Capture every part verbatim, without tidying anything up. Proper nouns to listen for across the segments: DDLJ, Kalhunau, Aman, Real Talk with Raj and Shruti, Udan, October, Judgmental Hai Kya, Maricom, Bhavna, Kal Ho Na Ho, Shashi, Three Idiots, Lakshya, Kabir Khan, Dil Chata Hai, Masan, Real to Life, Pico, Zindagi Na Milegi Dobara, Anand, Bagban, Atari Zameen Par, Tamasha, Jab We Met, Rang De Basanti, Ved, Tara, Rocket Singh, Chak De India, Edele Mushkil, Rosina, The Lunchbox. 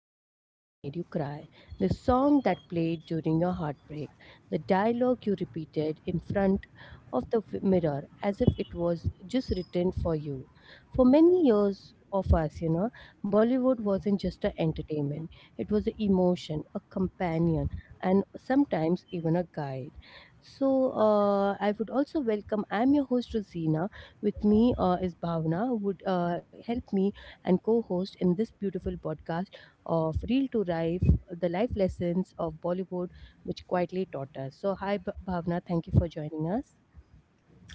movie that made you cry, the song that played during your heartbreak, the dialogue you repeated in front of the v- mirror as if it was just written for you. For many years of us, you know, Bollywood wasn't just an entertainment, it was an emotion, a companion, and sometimes even a guide. So, uh, I would also welcome, I'm your host, Rosina, with me uh, is Bhavna, who would uh, help me and co host in this beautiful podcast of Real to Life, the life lessons of Bollywood, which quietly taught us. So, hi, B- Bhavna. Thank you for joining us.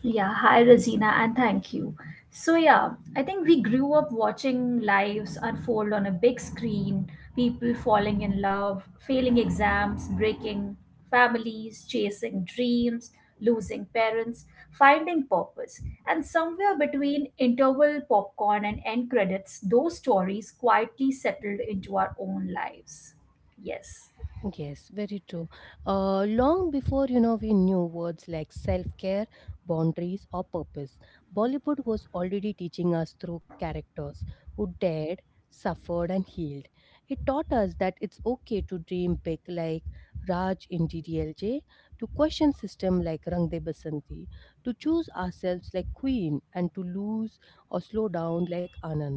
Yeah, hi Rosina, and thank you. So, yeah, I think we grew up watching lives unfold on a big screen, people falling in love, failing exams, breaking families, chasing dreams, losing parents, finding purpose. And somewhere between interval popcorn and end credits, those stories quietly settled into our own lives. Yes. Yes, very true. Uh, long before you know we knew words like self-care, boundaries, or purpose, Bollywood was already teaching us through characters who dared, suffered, and healed. It taught us that it's okay to dream big, like Raj in D D L J, to question system like Rang De Basanti, to choose ourselves like Queen, and to lose or slow down like Anand.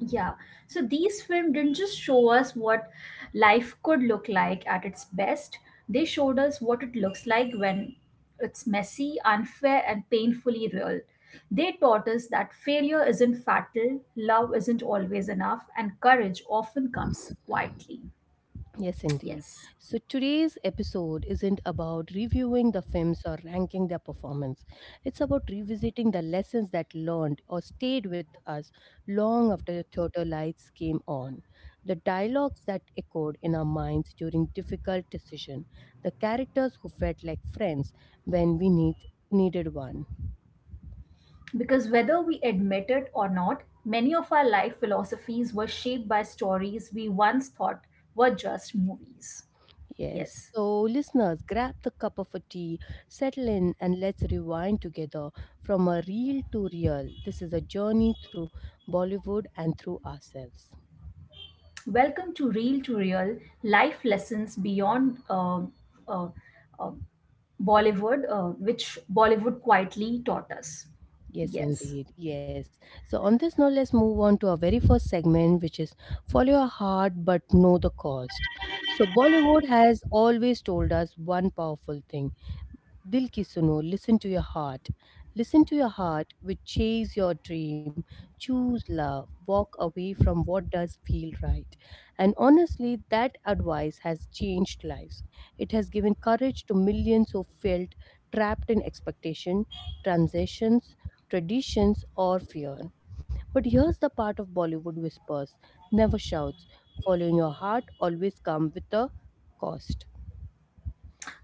Yeah, so these films didn't just show us what life could look like at its best, they showed us what it looks like when it's messy, unfair, and painfully real. They taught us that failure isn't fatal, love isn't always enough, and courage often comes quietly. Yes, indeed. Yes, So today's episode isn't about reviewing the films or ranking their performance. It's about revisiting the lessons that learned or stayed with us long after the theater lights came on. The dialogues that echoed in our minds during difficult decisions, the characters who felt like friends when we need, needed one. because whether we admit it or not, many of our life philosophies were shaped by stories we once thought were just movies. Yes. Yes. So, listeners, grab the cup of a tea, settle in, and let's rewind together from a reel to real. This is a journey through Bollywood and through ourselves. Welcome to Real to Real Life Lessons Beyond uh, uh, uh, Bollywood, uh, which Bollywood quietly taught us. Yes, Yes. indeed. Yes. So, on this note, let's move on to our very first segment, which is follow your heart but know the cost. So, Bollywood has always told us one powerful thing Dil ki suno, listen to your heart. Listen to your heart, which chase your dream, choose love, walk away from what does feel right. And honestly, that advice has changed lives. It has given courage to millions who felt trapped in expectation, transitions, traditions, or fear. But here's the part of Bollywood whispers never shouts. Following your heart always comes with a cost.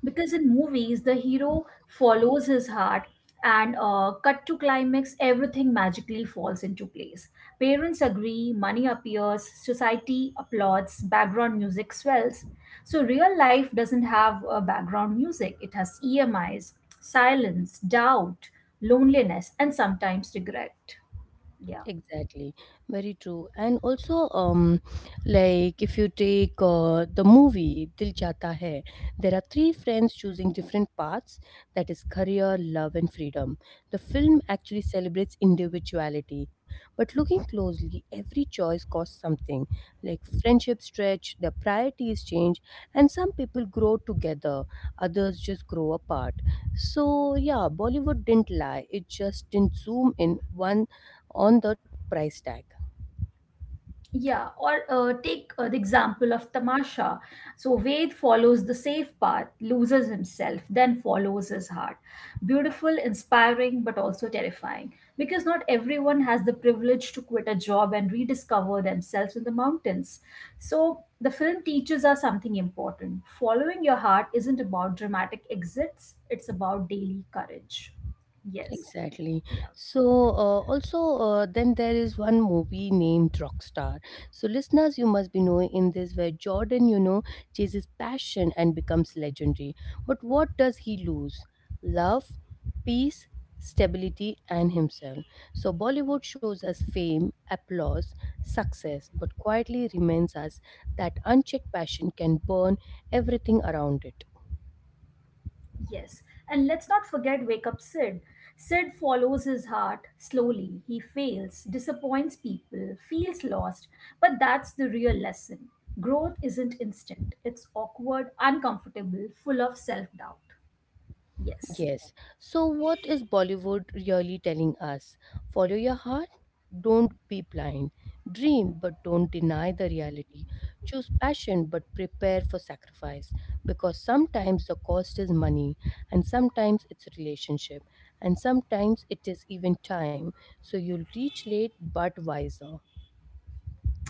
Because in movies the hero follows his heart and uh, cut to climax, everything magically falls into place. Parents agree, money appears, society applauds, background music swells. So real life doesn't have a background music, it has emis, silence, doubt, loneliness, and sometimes regret. Yeah. Exactly, very true. And also, um, like if you take uh, the movie Dil Chata Hai, there are three friends choosing different paths, that is, career, love, and freedom. The film actually celebrates individuality, but looking closely, every choice costs something. Like friendships stretch, their priorities change, and some people grow together, others just grow apart. So, yeah, Bollywood didn't lie, it just didn't zoom in one on the price tag. Yeah, or uh, take uh, the example of Tamasha. So Ved follows the safe path, loses himself, then follows his heart. Beautiful, inspiring, but also terrifying. Because not everyone has the privilege to quit a job and rediscover themselves in the mountains. So the film teaches us something important. Following your heart isn't about dramatic exits, it's about daily courage. Yes. Exactly. Yeah. So, uh, also, uh, then there is one movie named Rockstar. So, listeners, you must be knowing in this where Jordan, you know, chases passion and becomes legendary. But what does he lose? Love, peace, stability, and himself. So, Bollywood shows us fame, applause, success, but quietly reminds us that unchecked passion can burn everything around it. Yes, and let's not forget Wake Up Sid. Sid follows his heart slowly. He fails, disappoints people, feels lost, but that's the real lesson. Growth isn't instant, it's awkward, uncomfortable, full of self doubt. Yes. Yes. So, what is Bollywood really telling us? Follow your heart, don't be blind. Dream, but don't deny the reality. Choose passion, but prepare for sacrifice. Because sometimes the cost is money, and sometimes it's relationship, and sometimes it is even time. So, you'll reach late but wiser.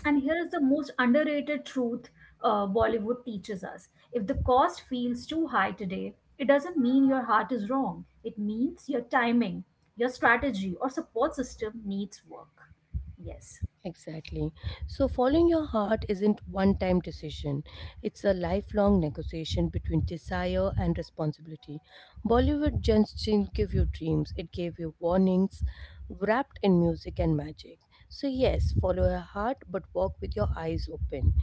And here is the most underrated truth uh, Bollywood teaches us: if the cost feels too high today, it doesn't mean your heart is wrong, it means your timing, your strategy, or support system needs work. Yes. Exactly. So, following your heart isn't one time decision. It's a lifelong negotiation between desire and responsibility. Bollywood just didn't give you dreams, it gave you warnings wrapped in music and magic. So, yes, follow your heart but walk with your eyes open.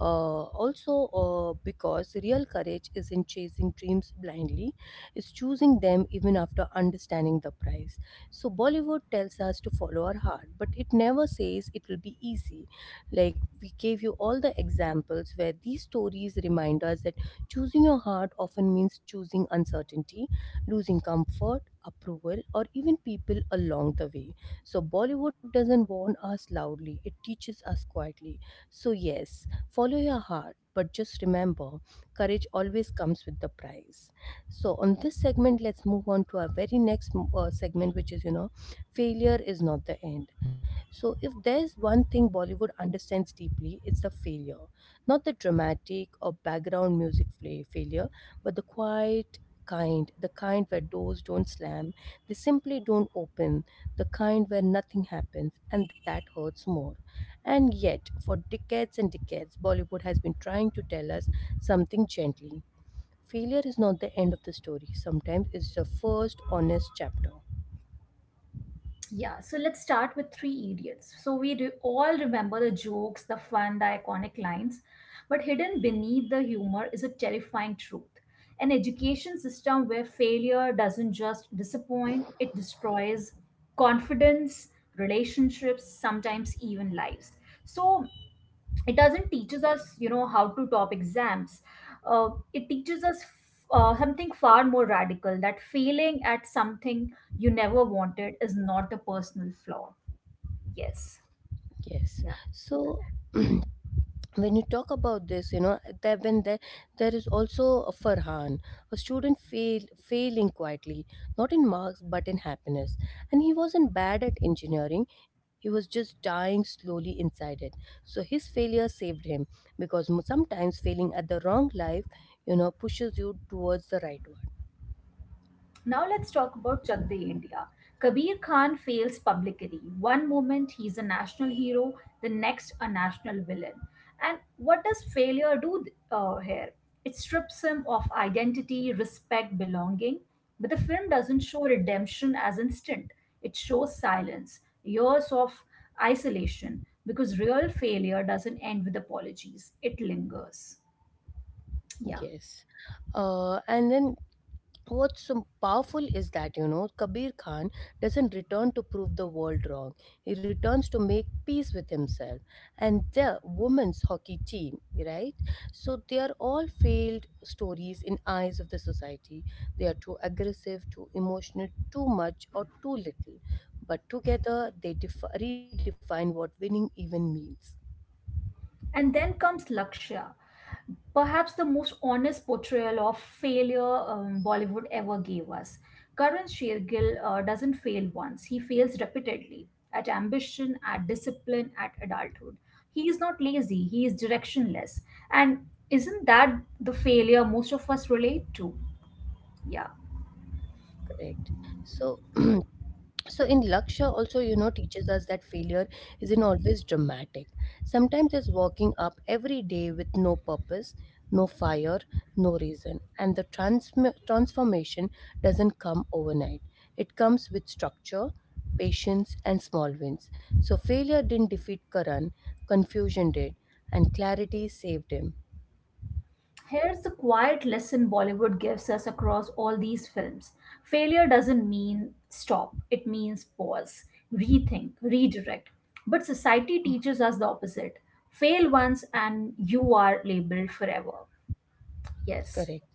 Uh, also, uh, because real courage isn't chasing dreams blindly, it's choosing them even after understanding the price. So Bollywood tells us to follow our heart, but it never says it will be easy. Like we gave you all the examples where these stories remind us that choosing your heart often means choosing uncertainty, losing comfort, approval, or even people along the way. So Bollywood doesn't warn us loudly, it teaches us quietly. So, yes, follow your heart, but just remember courage always comes with the price. So, on this segment, let's move on to our very next mm, uh, segment, which is, you know, failure is not the end. So, if there's one thing Bollywood understands deeply, it's the failure. Not the dramatic or background music fla- failure, but the quiet, kind, the kind where doors don't slam, they simply don't open, the kind where nothing happens, and that hurts more. And yet, for decades and decades, Bollywood has been trying to tell us something gently. Failure is not the end of the story. Sometimes it's the first honest chapter. Yeah, so let's start with Three Idiots. So we re- all remember the jokes, the fun, the iconic lines, but hidden beneath the humor is a terrifying truth. An education system where failure doesn't just disappoint, it destroys confidence, relationships, sometimes even lives. So it doesn't teaches us, you know, how to top exams, uh, it teaches us uh, something far more radical: that failing at something you never wanted is not a personal flaw. Yes. Yes. So when you talk about this, you know, there when there there is also a Farhan, a student fail failing quietly, not in marks but in happiness. And he wasn't bad at engineering; he was just dying slowly inside it. So his failure saved him because m- sometimes failing at the wrong life, you know, pushes you towards the right one. Now let's talk about Chakde India. Kabir Khan fails publicly. One moment he's a national hero, the next a national villain. And what does failure do uh, here? It strips him of identity, respect, belonging. But the film doesn't show redemption as instant, it shows silence, years of isolation, because real failure doesn't end with apologies, it lingers. Yeah. Yes. Uh, and then What's so powerful is that you know Kabir Khan doesn't return to prove the world wrong, he returns to make peace with himself and the women's hockey team, right? So they are all failed stories in eyes of the society. They are too aggressive, too emotional, too much or too little, but together they def- redefine what winning even means. And then comes Lakshya, perhaps the most honest portrayal of failure um, Bollywood ever gave us. Karan Shergill uh, doesn't fail once, he fails repeatedly at ambition, at discipline, at adulthood. He is not lazy, he is directionless. And isn't that the failure most of us relate to? Yeah. Correct. So so in Laksha also you know teaches us that failure isn't always dramatic. Sometimes it's walking up every day with no purpose, no fire, no reason, and the transm transformation doesn't come overnight. It comes with structure, patience, and small wins. So failure didn't defeat Karan, confusion did, and clarity saved him. Here's the quiet lesson Bollywood gives us across all these films. Failure doesn't mean stop, it means pause, rethink, redirect. But society teaches us the opposite: fail once and you are labeled forever. Yes. Correct.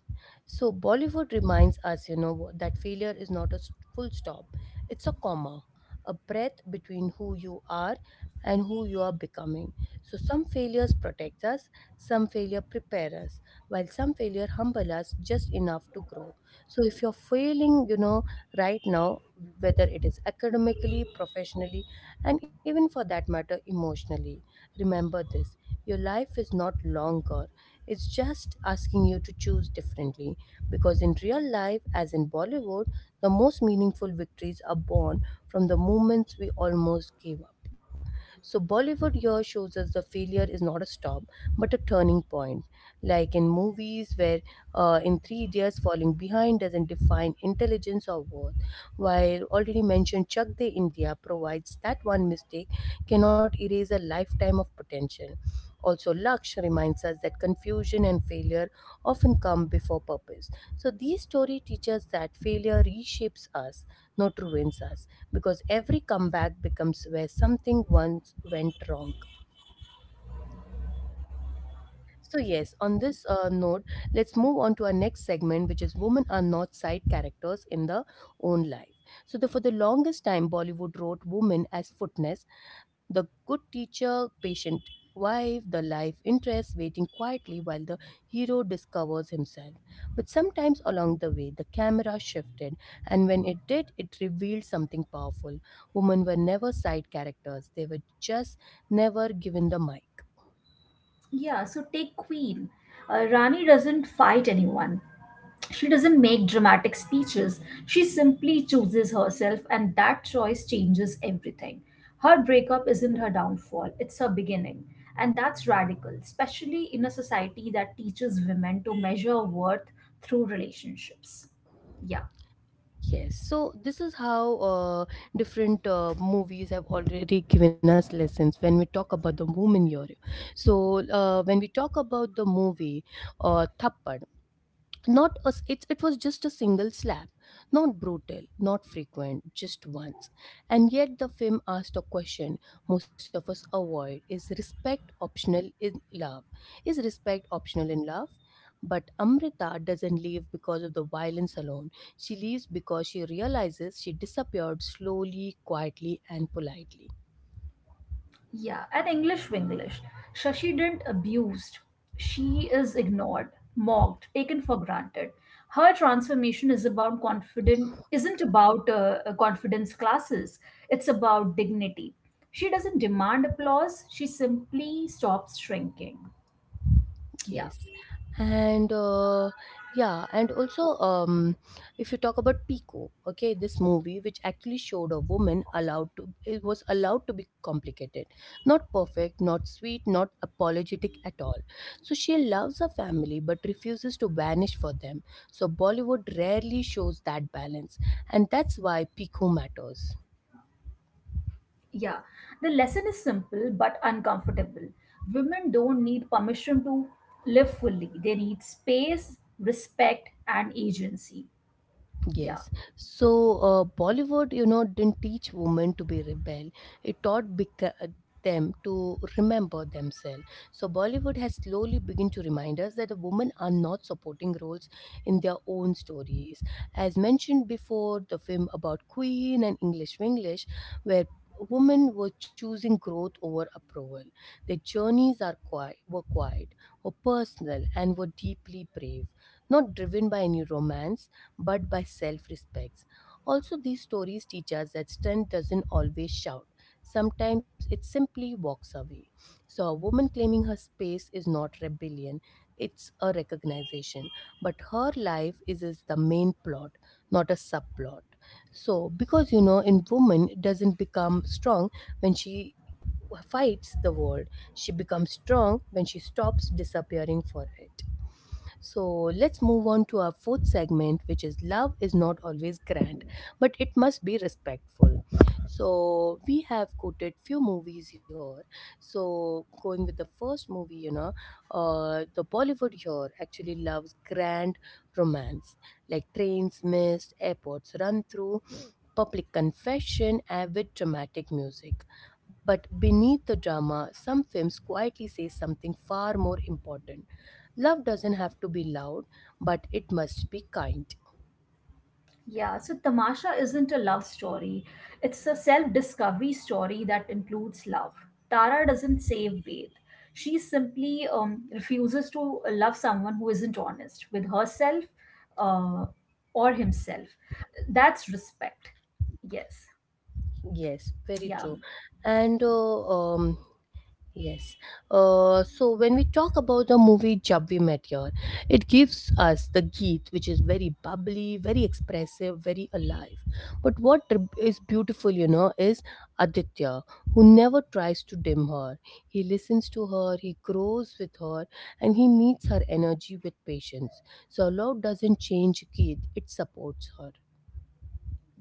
So Bollywood reminds us, you know, that failure is not a st- full stop. It's a comma, a breath between who you are and who you are becoming. So some failures protect us, some failure prepare us, while some failure humble us just enough to grow. So if you're failing, you know, right now, whether it is academically, professionally, and even for that matter, emotionally, remember this. Your life is not longer. It's just asking you to choose differently because in real life, as in Bollywood, the most meaningful victories are born from the moments we almost gave up. So Bollywood here shows us the failure is not a stop but a turning point. Like in movies where uh, in three years falling behind doesn't define intelligence or worth, while already mentioned Chak De India provides that one mistake cannot erase a lifetime of potential. Also, Laksh reminds us that confusion and failure often come before purpose. So, these story teaches that failure reshapes us, not ruins us because every comeback becomes where something once went wrong. So, yes, on this uh, note, let's move on to our next segment, which is Women are not side characters in their own life. So, the, for the longest time, Bollywood wrote women as footness, the good teacher, patient wife, the life interest, waiting quietly while the hero discovers himself. But sometimes along the way, the camera shifted, and when it did, it revealed something powerful. Women were never side characters, they were just never given the mic. Yeah, so take Queen. Uh, Rani doesn't fight anyone. She doesn't make dramatic speeches. She simply chooses herself, and that choice changes everything. Her breakup isn't her downfall, it's her beginning. And that's radical, especially in a society that teaches women to measure worth through relationships. Yeah. Yes, so this is how uh, different uh, movies have already given us lessons when we talk about the woman hero. So, uh, when we talk about the movie uh, Thappad, not a, s- it, it was just a single slap, not brutal, not frequent, just once, and yet the film asked a question most of us avoid. Is respect optional in love? Is respect optional in love? But Amrita doesn't leave because of the violence alone, she leaves because she realizes she disappeared slowly, quietly, and politely. Yeah, and English Winglish. Shashi didn't abused. She is ignored, mocked, taken for granted. Her transformation is about confident isn't about uh, uh, confidence classes. It's about dignity. She doesn't demand applause. She simply stops shrinking. Yeah, Yes. And uh, yeah, and also um, If you talk about Pico, okay, this movie which actually showed a woman allowed to it was allowed to be complicated, not perfect, not sweet, not apologetic at all. So she loves her family but refuses to vanish for them. So Bollywood rarely shows that balance, and that's why Pico matters. yeah. The lesson is simple but uncomfortable. Women don't need permission to live fully. They need space, respect, and agency. Yeah. Yes. So uh, Bollywood, you know, didn't teach women to be rebel. It taught beca- them to remember themselves. So Bollywood has slowly begun to remind us that the women are not supporting roles in their own stories. As mentioned before, the film about Queen and English Winglish, where women were choosing growth over approval. Their journeys are quiet, were quiet, were personal, and were deeply brave, not driven by any romance but by self respect. Also, these stories teach us that strength doesn't always shout. Sometimes it simply walks away. So, a woman claiming her space is not rebellion, it's a recognition. But her life is, is the main plot, not a subplot. So, because you know, in woman it doesn't become strong when she fights the world, she becomes strong when she stops disappearing for it. So let's move on to our fourth segment, which is love is not always grand, but it must be respectful. So we have quoted few movies here. So going with the first movie, you know, uh, the Bollywood here actually loves grand romance, like trains missed, airports run through, public confession, avid dramatic music. But beneath the drama, some films quietly say something far more important. Love doesn't have to be loud, but it must be kind. Yeah, so Tamasha isn't a love story. It's a self discovery story that includes love. Tara doesn't save Ved. She simply um, refuses to love someone who isn't honest with herself uh, or himself. That's respect. Yes. Yes, very Yeah. true. And uh, um, Yes. Uh, so when we talk about the movie Jab We Met Here, it gives us the Geet, which is very bubbly, very expressive, very alive. But what r- is beautiful, you know, is Aditya, who never tries to dim her. He listens to her, he grows with her, and he meets her energy with patience. So love doesn't change Geet, it supports her.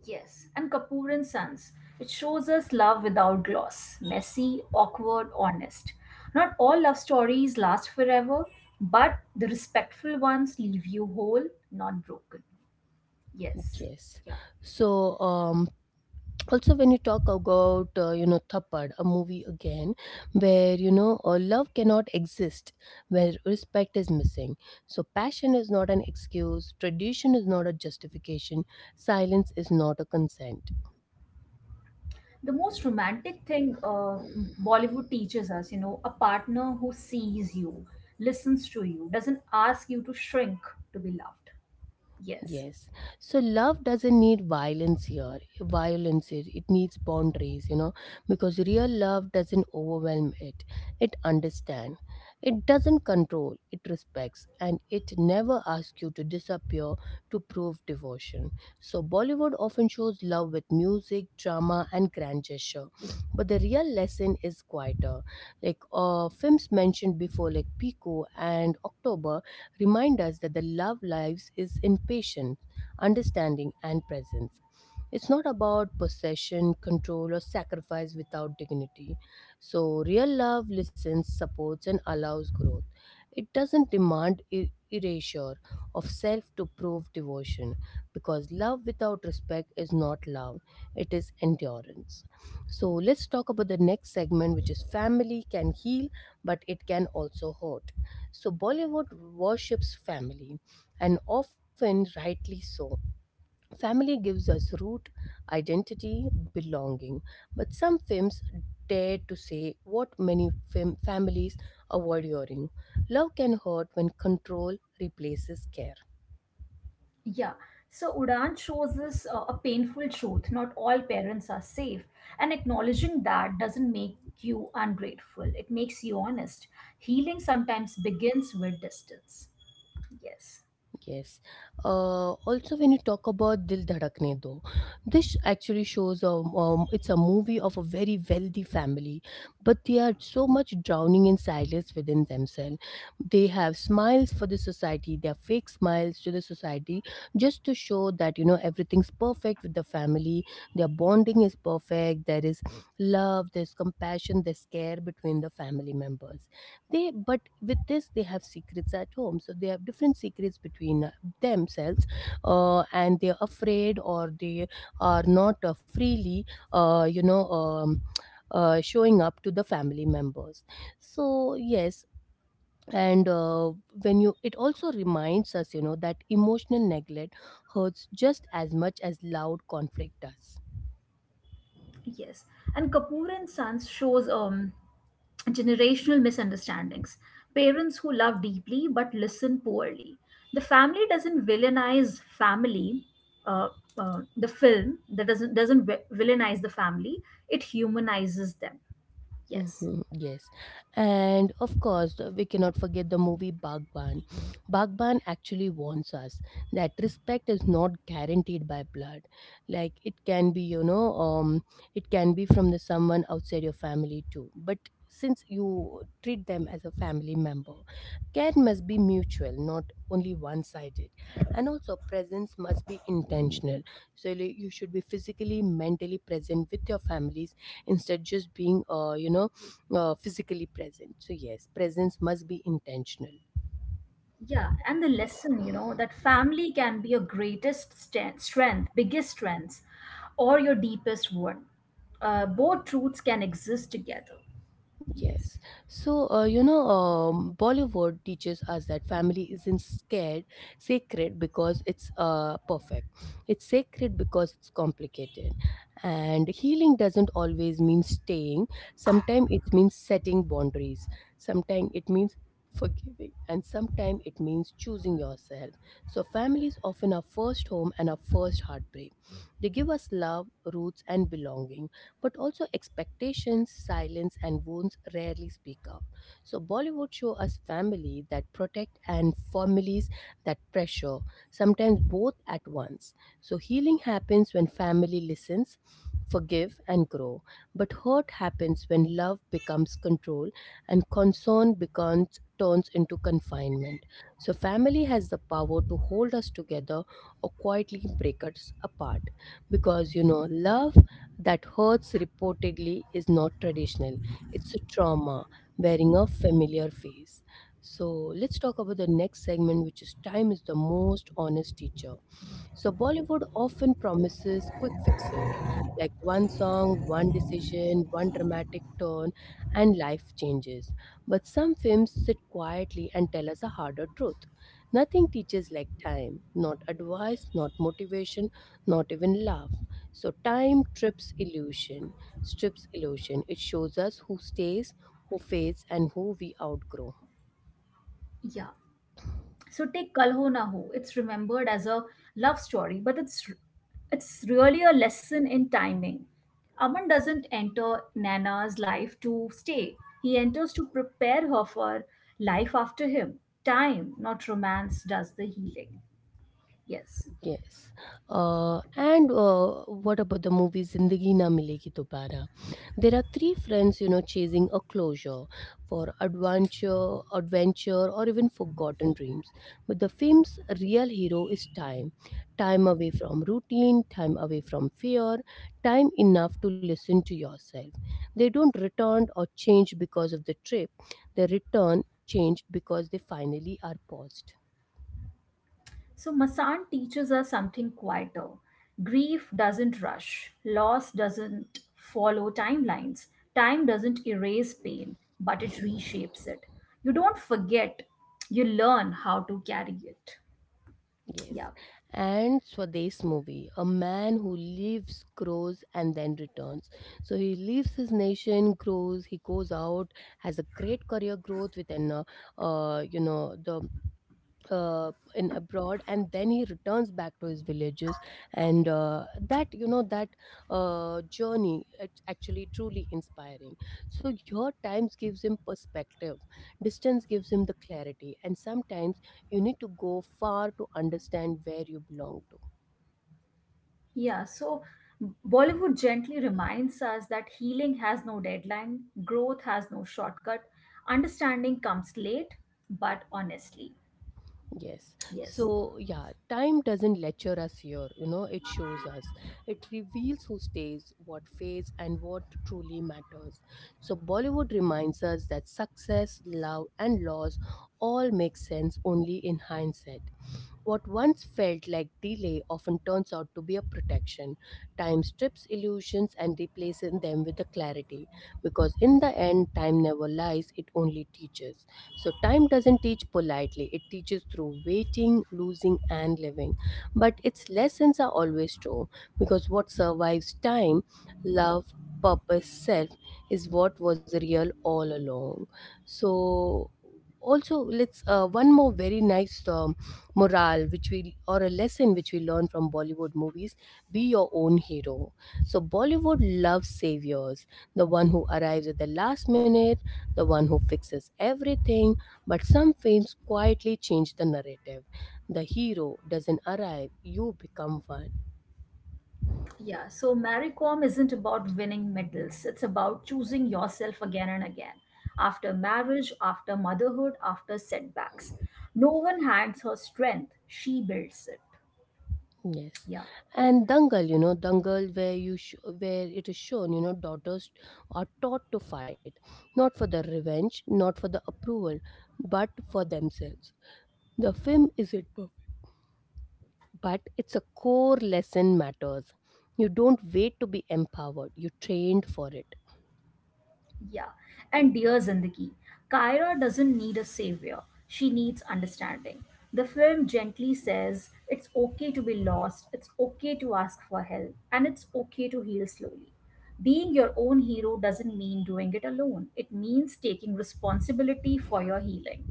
Yes, and Kapoor and Sons. It shows us love without gloss, messy, awkward, honest. Not all love stories last forever, but the respectful ones leave you whole, not broken. Yes. Yes. Yeah. So um, also when you talk about uh, you know thappad, a movie again where you know uh, love cannot exist where respect is missing. So passion is not an excuse, tradition is not a justification, silence is not a consent. The most romantic thing uh, Bollywood teaches us, you know, a partner who sees you, listens to you, doesn't ask you to shrink to be loved. Yes. Yes. So love doesn't need violence here. Violence it, it needs boundaries, you know, because real love doesn't overwhelm it. It understands. It doesn't control. It respects and it never asks you to disappear to prove devotion. So Bollywood often shows love with music, drama and grand gesture. But the real lesson is quieter. Like uh films mentioned before like Pico and October remind us that the love lives is in patience, understanding, and presence. It's not about possession, control, or sacrifice without dignity. So, real love listens, supports, and allows growth. It doesn't demand e- erasure of self to prove devotion because love without respect is not love, it is endurance. So, let's talk about the next segment, which is family can heal, but it can also hurt. So, Bollywood worships family, and often rightly so. Family gives us root, identity, belonging. But some films dare to say what many fam- families avoid hearing. Love can hurt when control replaces care. Yeah, so Udan shows us uh, a painful truth. Not all parents are safe, and acknowledging that doesn't make you ungrateful, it makes you honest. Healing sometimes begins with distance. Yes. Yes. Uh, also, when you talk about Dil Dhadakne Do, this actually shows um, um, it's a movie of a very wealthy family, but they are so much drowning in silence within themselves. They have smiles for the society, they are fake smiles to the society just to show that, you know, everything's perfect with the family, their bonding is perfect, there is love, there's compassion, there's care between the family members. They, but with this they have secrets at home, so they have different secrets between uh, themselves, uh, and they're afraid, or they are not uh, freely uh, you know um, uh, showing up to the family members. So yes, and uh, when you it also reminds us, you know that emotional neglect hurts just as much as loud conflict does. Yes, and Kapoor and Sons shows um, generational misunderstandings. Parents who love deeply but listen poorly. The family doesn't villainize family. Uh, uh, the film that doesn't doesn't vi- villainize the family. It humanizes them. Yes. Hmm, yes. And of course, uh, we cannot forget the movie Bagban. Bagban actually warns us that respect is not guaranteed by blood. Like it can be, you know, um, it can be from the someone outside your family too. But since you treat them as a family member, care must be mutual, not only one-sided. And also, presence must be intentional. So like, you should be physically, mentally present with your family instead just being uh, you know uh, physically present. So yes, presence must be intentional. Yeah, and the lesson, you know, that family can be your greatest st- strength, biggest strengths, or your deepest one. Uh, both truths can exist together. Yes. Yes. So, uh, you know, um, Bollywood teaches us that family isn't scared, sacred because it's uh, perfect. It's sacred because it's complicated. And healing doesn't always mean staying. Sometimes it means setting boundaries. Sometimes it means forgiving. And sometimes it means choosing yourself. So, family is often our first home and our first heartbreak. They give us love, roots, and belonging but also expectations, silence, and wounds rarely speak out. So Bollywood show us family that protect and families that pressure, sometimes both at once. So healing happens when family listens, forgive and grow. But hurt happens when love becomes control and concern becomes turns into confinement. So family has the power to hold us together or quietly break us apart because you know love that hurts reportedly is not traditional. It's a trauma wearing a familiar face. So let's talk about the next segment, which is time is the most honest teacher. So Bollywood often promises quick fixes like one song, one decision, one dramatic turn, and life changes. But some films sit quietly and tell us a harder truth. Nothing teaches like time, not advice, not motivation, not even love. So time trips illusion, strips illusion. It shows us who stays, who fades, and who we outgrow. Yeah. So take Kal Ho Na Ho. It's remembered as a love story, but it's it's really a lesson in timing. Aman doesn't enter Nana's life to stay. He enters to prepare her for life after him. Time, not romance, does the healing. Yes. Yes. Uh, and uh, what about the movie Zindagi Na Milegi Dobara? There are three friends, you know, chasing a closure for adventure, adventure, or even forgotten dreams. But the film's real hero is time. Time away from routine, time away from fear, time enough to listen to yourself. They don't return or change because of the trip. They return changed because they finally are paused. So, Masan teaches us something quieter. Grief doesn't rush, loss doesn't follow timelines, time doesn't erase pain, but it reshapes it. You don't forget, you learn how to carry it. Yes. Yeah, And Swadesh movie, a man who lives, grows, and then returns. So he leaves his nation, grows, he goes out, has a great career growth within, uh, uh, you know, the uh, in abroad, and then he returns back to his villages, and uh, that you know that uh, journey it's actually truly inspiring. So your times gives him perspective, distance gives him the clarity, and sometimes you need to go far to understand where you belong to. yeah. So, Bollywood gently reminds us that healing has no deadline, growth has no shortcut, understanding comes late, but honestly. Yes. Yes. So, yeah, time doesn't lecture us here, you know, it shows us. It reveals who stays, what fades, and what truly matters. So, Bollywood reminds us that success, love, and loss all make sense only in hindsight. What once felt like delay often turns out to be a protection. Time strips illusions and replaces them with a clarity. Because in the end, time never lies, it only teaches. So, time doesn't teach politely, it teaches through waiting, losing, and living. But its lessons are always true because what survives time, love, purpose, self, is what was real all along. So, also let's uh, one more very nice um, morale which we or a lesson which we learn from Bollywood movies, be your own hero. So Bollywood loves saviors, the one who arrives at the last minute, the one who fixes everything, but some films quietly change the narrative. The hero doesn't arrive, you become one. Yeah, so Maricom isn't about winning medals. It's about choosing yourself again and again. After marriage, after motherhood, after setbacks. No one hands her strength, she builds it. Yes. Yeah. And dangal, you know dangal where you sh- where it is shown, you know daughters are taught to fight, not for the revenge, not for the approval, but for themselves. The film isn't perfect, but it's a core lesson matters. You don't wait to be empowered, you trained for it. Yeah, and dear Zindagi, Kyra doesn't need a savior, she needs understanding. The film gently says it's okay to be lost, it's okay to ask for help, and it's okay to heal slowly. Being your own hero doesn't mean doing it alone, it means taking responsibility for your healing.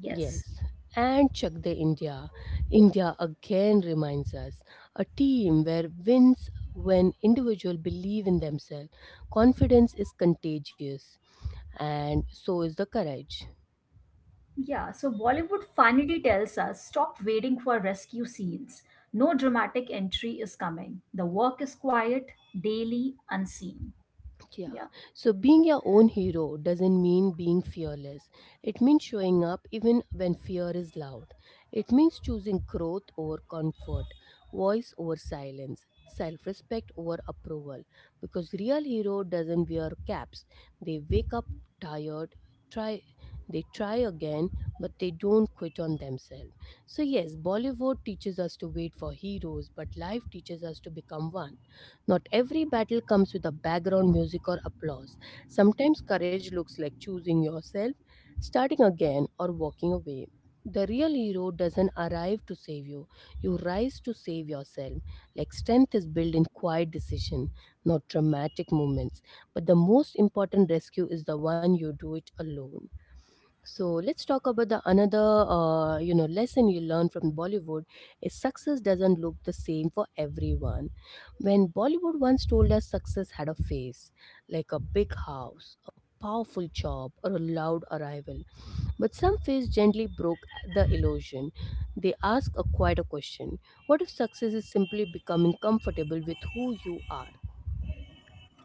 Yes. Yes. And check the India. India again reminds us a team where wins when individuals believe in themselves. Confidence is contagious, and so is the courage. Yeah, so Bollywood finally tells us stop waiting for rescue scenes. No dramatic entry is coming. The work is quiet, daily, unseen. Yeah. Yeah. So being your own hero doesn't mean being fearless. It means showing up even when fear is loud. It means choosing growth over comfort, voice over silence, self respect over approval. Because real hero doesn't wear caps. They wake up tired, try they try again, but they don't quit on themselves. So yes, Bollywood teaches us to wait for heroes, but life teaches us to become one not every battle comes with a background music or applause. Sometimes courage looks like choosing yourself, starting again, or walking away. The real hero doesn't arrive to save you. You rise to save yourself. Like strength is built in quiet decision, not dramatic moments. But the most important rescue is the one you do it alone. So let's talk about the another uh, you know lesson you learn from Bollywood is success doesn't look the same for everyone. When Bollywood once told us success had a face, like a big house, a powerful job, or a loud arrival, but some face gently broke the illusion. They ask a quieter question: What if success is simply becoming comfortable with who you are?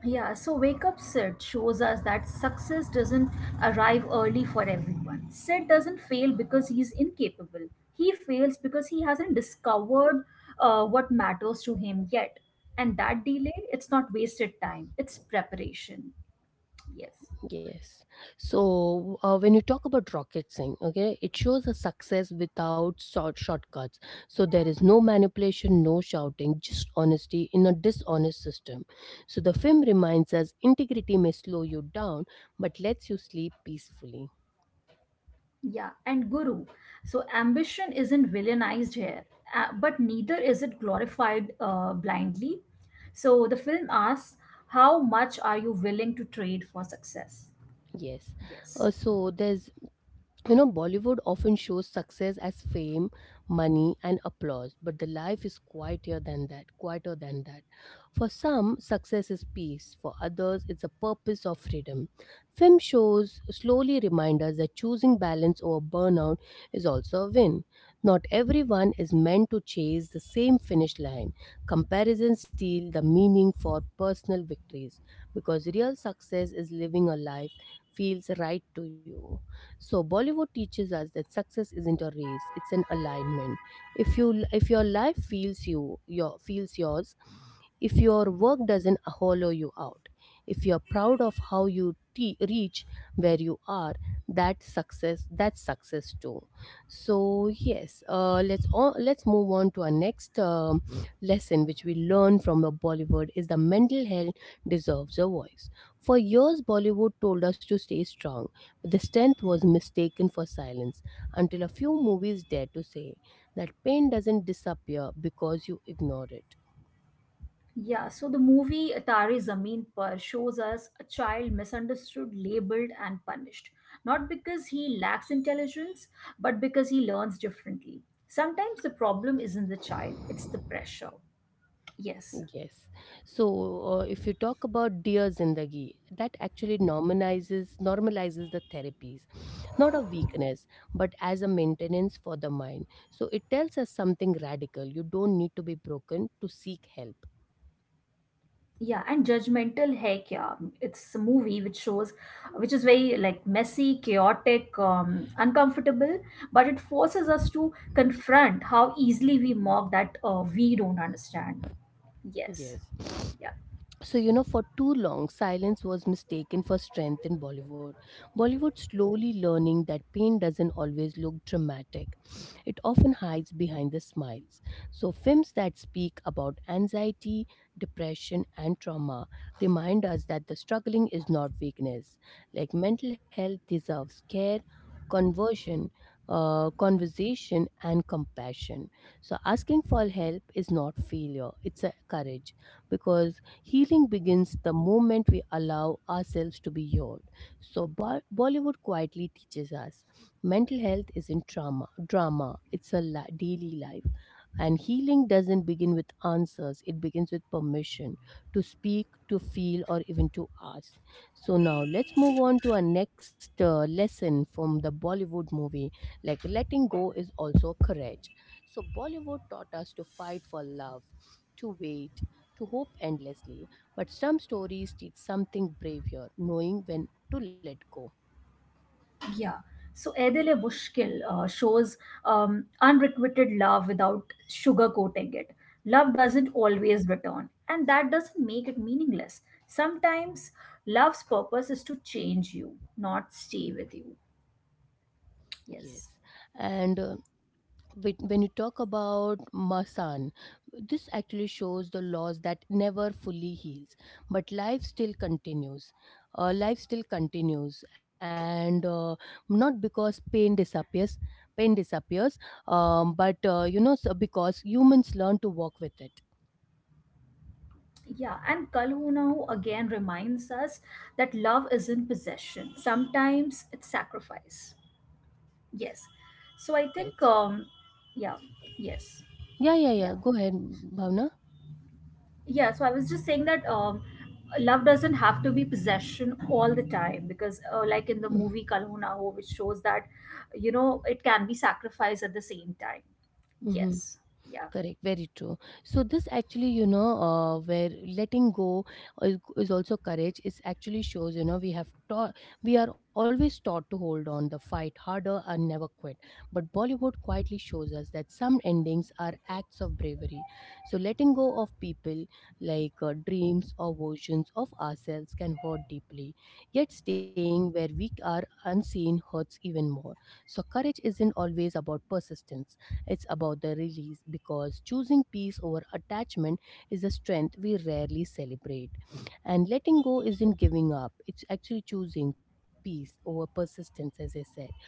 Yeah, so Wake Up Sid shows us that success doesn't arrive early for everyone. Sid doesn't fail because he's incapable. He fails because he hasn't discovered uh, what matters to him yet. And that delay, it's not wasted time, it's preparation. Yes. Yes. So uh, when you talk about rocket sync, okay, it shows a success without short shortcuts. So there is no manipulation, no shouting, just honesty in a dishonest system. So the film reminds us integrity may slow you down, but lets you sleep peacefully. Yeah, and Guru. So ambition isn't villainized here, uh, but neither is it glorified uh, blindly. So the film asks, how much are you willing to trade for success? Yes. Yes. Uh, so there's You know, Bollywood often shows success as fame, money, and applause, but the life is quieter than that, quieter than that. For some, success is peace, for others, it's a purpose of freedom. Film shows slowly remind us that choosing balance over burnout is also a win. Not everyone is meant to chase the same finish line. Comparisons steal the meaning for personal victories because real success is living a life feels right to you. So Bollywood teaches us that success isn't a race; it's an alignment. If you if your life feels you your feels yours, if your work doesn't hollow you out, if you are proud of how you te- reach where you are, that success that's success too. So yes, uh, let's on, let's move on to our next um, lesson which we learn from the Bollywood is the mental health deserves a voice. For years Bollywood told us to stay strong, but the strength was mistaken for silence until a few movies dared to say that pain doesn't disappear because you ignore it. Yeah, so the movie Atari Zameen Par shows us a child misunderstood, labeled, and punished. Not because he lacks intelligence, but because he learns differently. Sometimes the problem isn't the child, it's the pressure. Yes. Yes. So, uh, if you talk about Dear Zindagi, that actually normalizes normalizes the therapies, not a weakness, but as a maintenance for the mind. So it tells us something radical. You don't need to be broken to seek help. Yeah, and judgmental Hai Kya. It's a movie which shows, which is very like messy, chaotic, um, uncomfortable, but it forces us to confront how easily we mock that uh, we don't understand. Yes. Yes. Yeah. So, you know, for too long, silence was mistaken for strength in Bollywood. Bollywood slowly learning that pain doesn't always look dramatic, it often hides behind the smiles. So, films that speak about anxiety, depression, and trauma remind us that the struggling is not weakness. Like mental health deserves care, conversion, uh, conversation, and compassion. So, asking for help is not failure, it's a courage because healing begins the moment we allow ourselves to be heard. So Bo- Bollywood quietly teaches us mental health isn't trauma, drama. It's a li- daily life. And healing doesn't begin with answers. It begins with permission to speak, to feel, or even to ask. So now let's move on to our next uh, lesson from the Bollywood movie. Like letting go is also courage. So Bollywood taught us to fight for love, to wait, to hope endlessly, but some stories teach something braver, knowing when to let go. Yeah. So Edele Mushkil uh, shows um, unrequited love without sugarcoating it. Love doesn't always return, and that doesn't make it meaningless. Sometimes love's purpose is to change you, not stay with you. Yes, Yes. and uh, whe- when you talk about Masan, this actually shows the loss that never fully heals, but life still continues. Uh, life still continues, and uh, not because pain disappears, pain disappears, um, but uh, you know, so because humans learn to walk with it. Yeah, and Kalhunau again reminds us that love isn't possession. Sometimes it's sacrifice. Yes. So I Yes. think, um, yeah, yes, Yeah, yeah, yeah. yeah. Go ahead, Bhavna. Yeah, so I was just saying that um, love doesn't have to be possession all the time because, uh, like in the movie Kalhuna Ho, Na Ho, which shows that, you know, it can be sacrificed at the same time. Mm-hmm. Yes, yeah, Correct, very true. So this actually, you know uh, where letting go is, is also courage. It actually shows, you know, we have taught, we are always taught to hold on the fight harder and never quit, but Bollywood quietly shows us that some endings are acts of bravery. So letting go of people like uh, dreams or versions of ourselves can hurt deeply, yet staying where we are unseen hurts even more. So courage isn't always about persistence, it's about the release, because choosing peace over attachment is a strength we rarely celebrate. And letting go isn't giving up, it's actually choosing peace over persistence, as I said.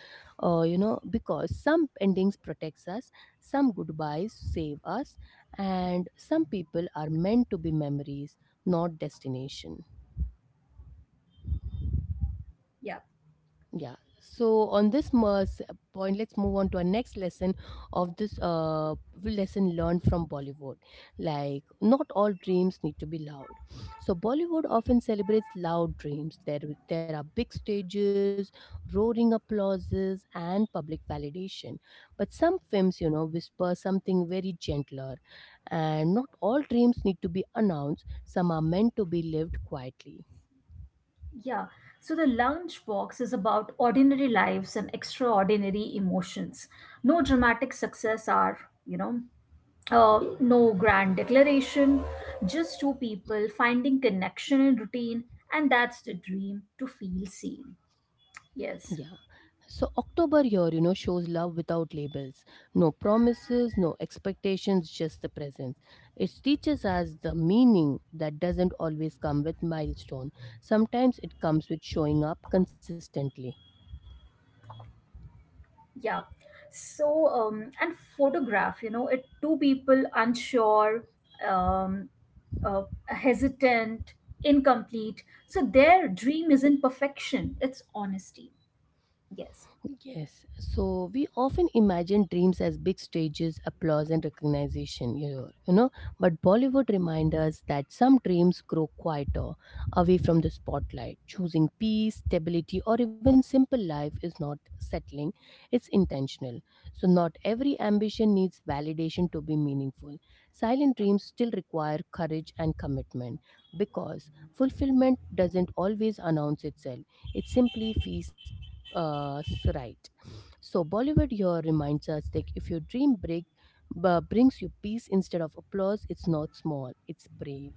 Uh, you know, because some endings protects us, some goodbyes save us, and some people are meant to be memories, not destination. yeah, Yeah. So on this mo- s- point, let's move on to our next lesson of this uh, lesson learned from Bollywood. Like, not all dreams need to be loud. So Bollywood often celebrates loud dreams. There, there are big stages, roaring applauses, and public validation. But some films, you know, whisper something very gentler. And not all dreams need to be announced. Some are meant to be lived quietly. yeah. So the lunchbox is about ordinary lives and extraordinary emotions. No dramatic success are, you know, uh, no grand declaration, just two people finding connection in routine, and that's the dream to feel seen. Yeah. Yes. So October here, you know, shows love without labels. No promises, no expectations, just the presence. It teaches us the meaning that doesn't always come with milestone. Sometimes it comes with showing up consistently. Yeah. So, um, and photograph, you know, it two people unsure, um, uh, hesitant, incomplete. So their dream isn't perfection, it's honesty. Yes. Yes, so we often imagine dreams as big stages, applause, and recognition, you know, you know. But Bollywood reminds us that some dreams grow quieter, away from the spotlight. Choosing peace, stability, or even simple life is not settling, it's intentional. So, not every ambition needs validation to be meaningful. Silent dreams still require courage and commitment, because fulfillment doesn't always announce itself, it simply feels uh, right. So Bollywood here reminds us that if your dream break b- brings you peace instead of applause, it's not small, it's brave.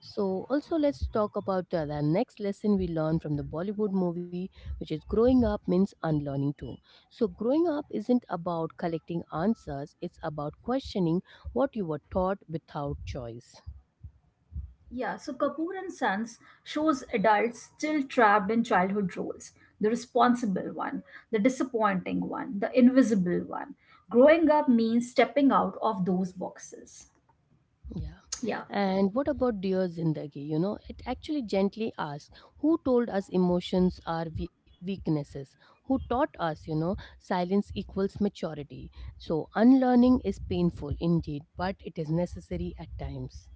So also let's talk about uh, the next lesson we learn from the Bollywood movie, which is growing up means unlearning too. So growing up isn't about collecting answers; it's about questioning what you were taught without choice. Yeah. So Kapoor and Sons shows adults still trapped in childhood roles: the responsible one, the disappointing one, the invisible one. Growing up means stepping out of those boxes. Yeah. Yeah. And what about Dear Zindagi? You know, it actually gently asks who told us emotions are we- weaknesses? Who taught us, you know, silence equals maturity? So unlearning is painful indeed, but it is necessary at times.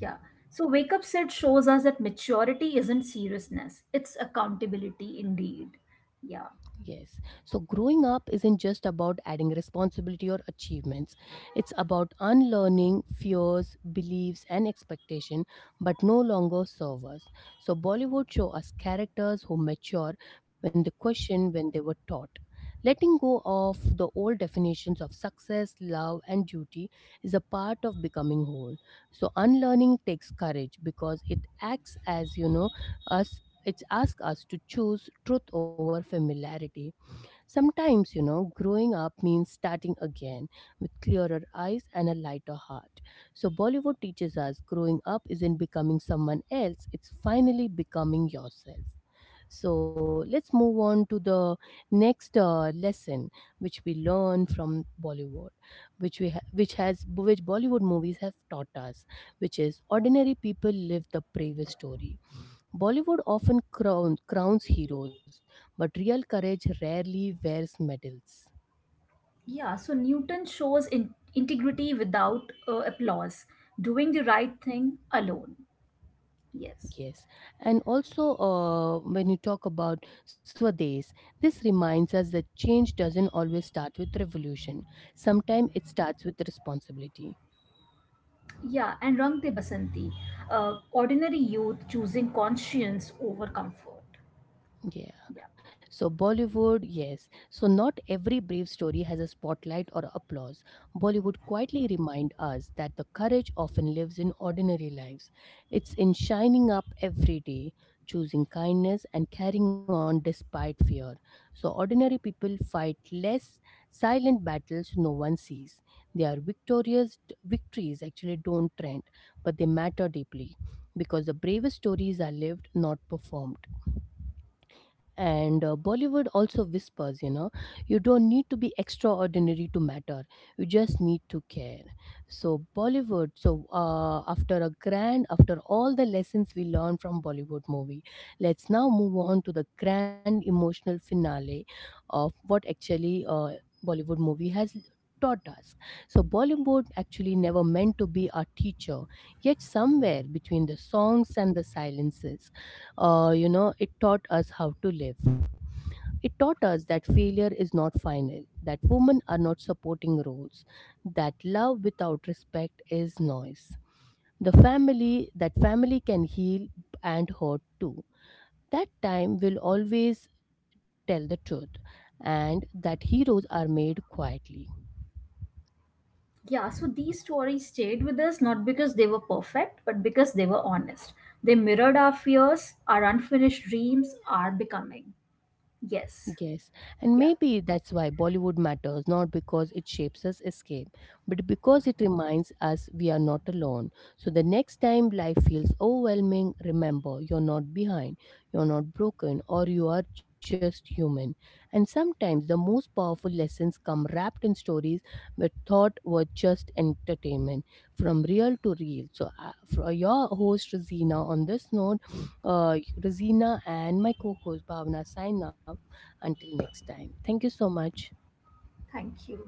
Yeah. So Wake Up Set shows us that maturity isn't seriousness, it's accountability indeed. Yeah. Yes. So growing up isn't just about adding responsibility or achievements. It's about unlearning fears, beliefs and expectation but no longer serve us. So Bollywood show us characters who mature when they question when they were taught. Letting go of the old definitions of success, love and duty is a part of becoming whole. So unlearning takes courage because it acts as, you know, us, it's asked us to choose truth over familiarity. Sometimes, you know, growing up means starting again with clearer eyes and a lighter heart. So, Bollywood teaches us growing up isn't becoming someone else, it's finally becoming yourself. So, let's move on to the next uh, lesson which we learn from Bollywood, which we ha- which has which Bollywood movies have taught us, which is ordinary people live the bravest story. Bollywood often crown, crowns heroes, but real courage rarely wears medals. Yeah. So Newton shows in- integrity without uh, applause, doing the right thing alone. Yes. Yes, and also uh, when you talk about Swadesh, this reminds us that change doesn't always start with revolution. Sometimes it starts with responsibility. Yeah. And Rang De Basanti, uh, ordinary youth choosing conscience over comfort. Yeah. Yeah. So Bollywood, yes. So not every brave story has a spotlight or applause. Bollywood quietly remind us that the courage often lives in ordinary lives. It's in shining up every day, choosing kindness and carrying on despite fear. So ordinary people fight less silent battles no one sees. Their victorious victories actually don't trend, but they matter deeply because the bravest stories are lived, not performed. And uh, Bollywood also whispers, you know, you don't need to be extraordinary to matter. You just need to care. So Bollywood. So uh, after a grand, after all the lessons we learned from Bollywood movie, let's now move on to the grand emotional finale of what actually uh, Bollywood movie has taught us. So Bollywood actually never meant to be our teacher. Yet somewhere between the songs and the silences, uh, you know, it taught us how to live. It taught us that failure is not final, that women are not supporting roles, that love without respect is noise, the family that family can heal and hurt too, that time will always tell the truth, and that heroes are made quietly. Yeah. So these stories stayed with us not because they were perfect, but because they were honest. They mirrored our fears, our unfinished dreams, our becoming. Yes. Yes, and Yeah, maybe that's why Bollywood matters, not because it shapes us escape, but because it reminds us we are not alone. So the next time life feels overwhelming, remember you're not behind, you're not broken, or you are just human. And sometimes the most powerful lessons come wrapped in stories where thought were just entertainment, from real to real. So, uh, for your host, Rosina, on this note, uh, Rosina and my co host, Bhavna, sign off until next time, thank you so much. thank you.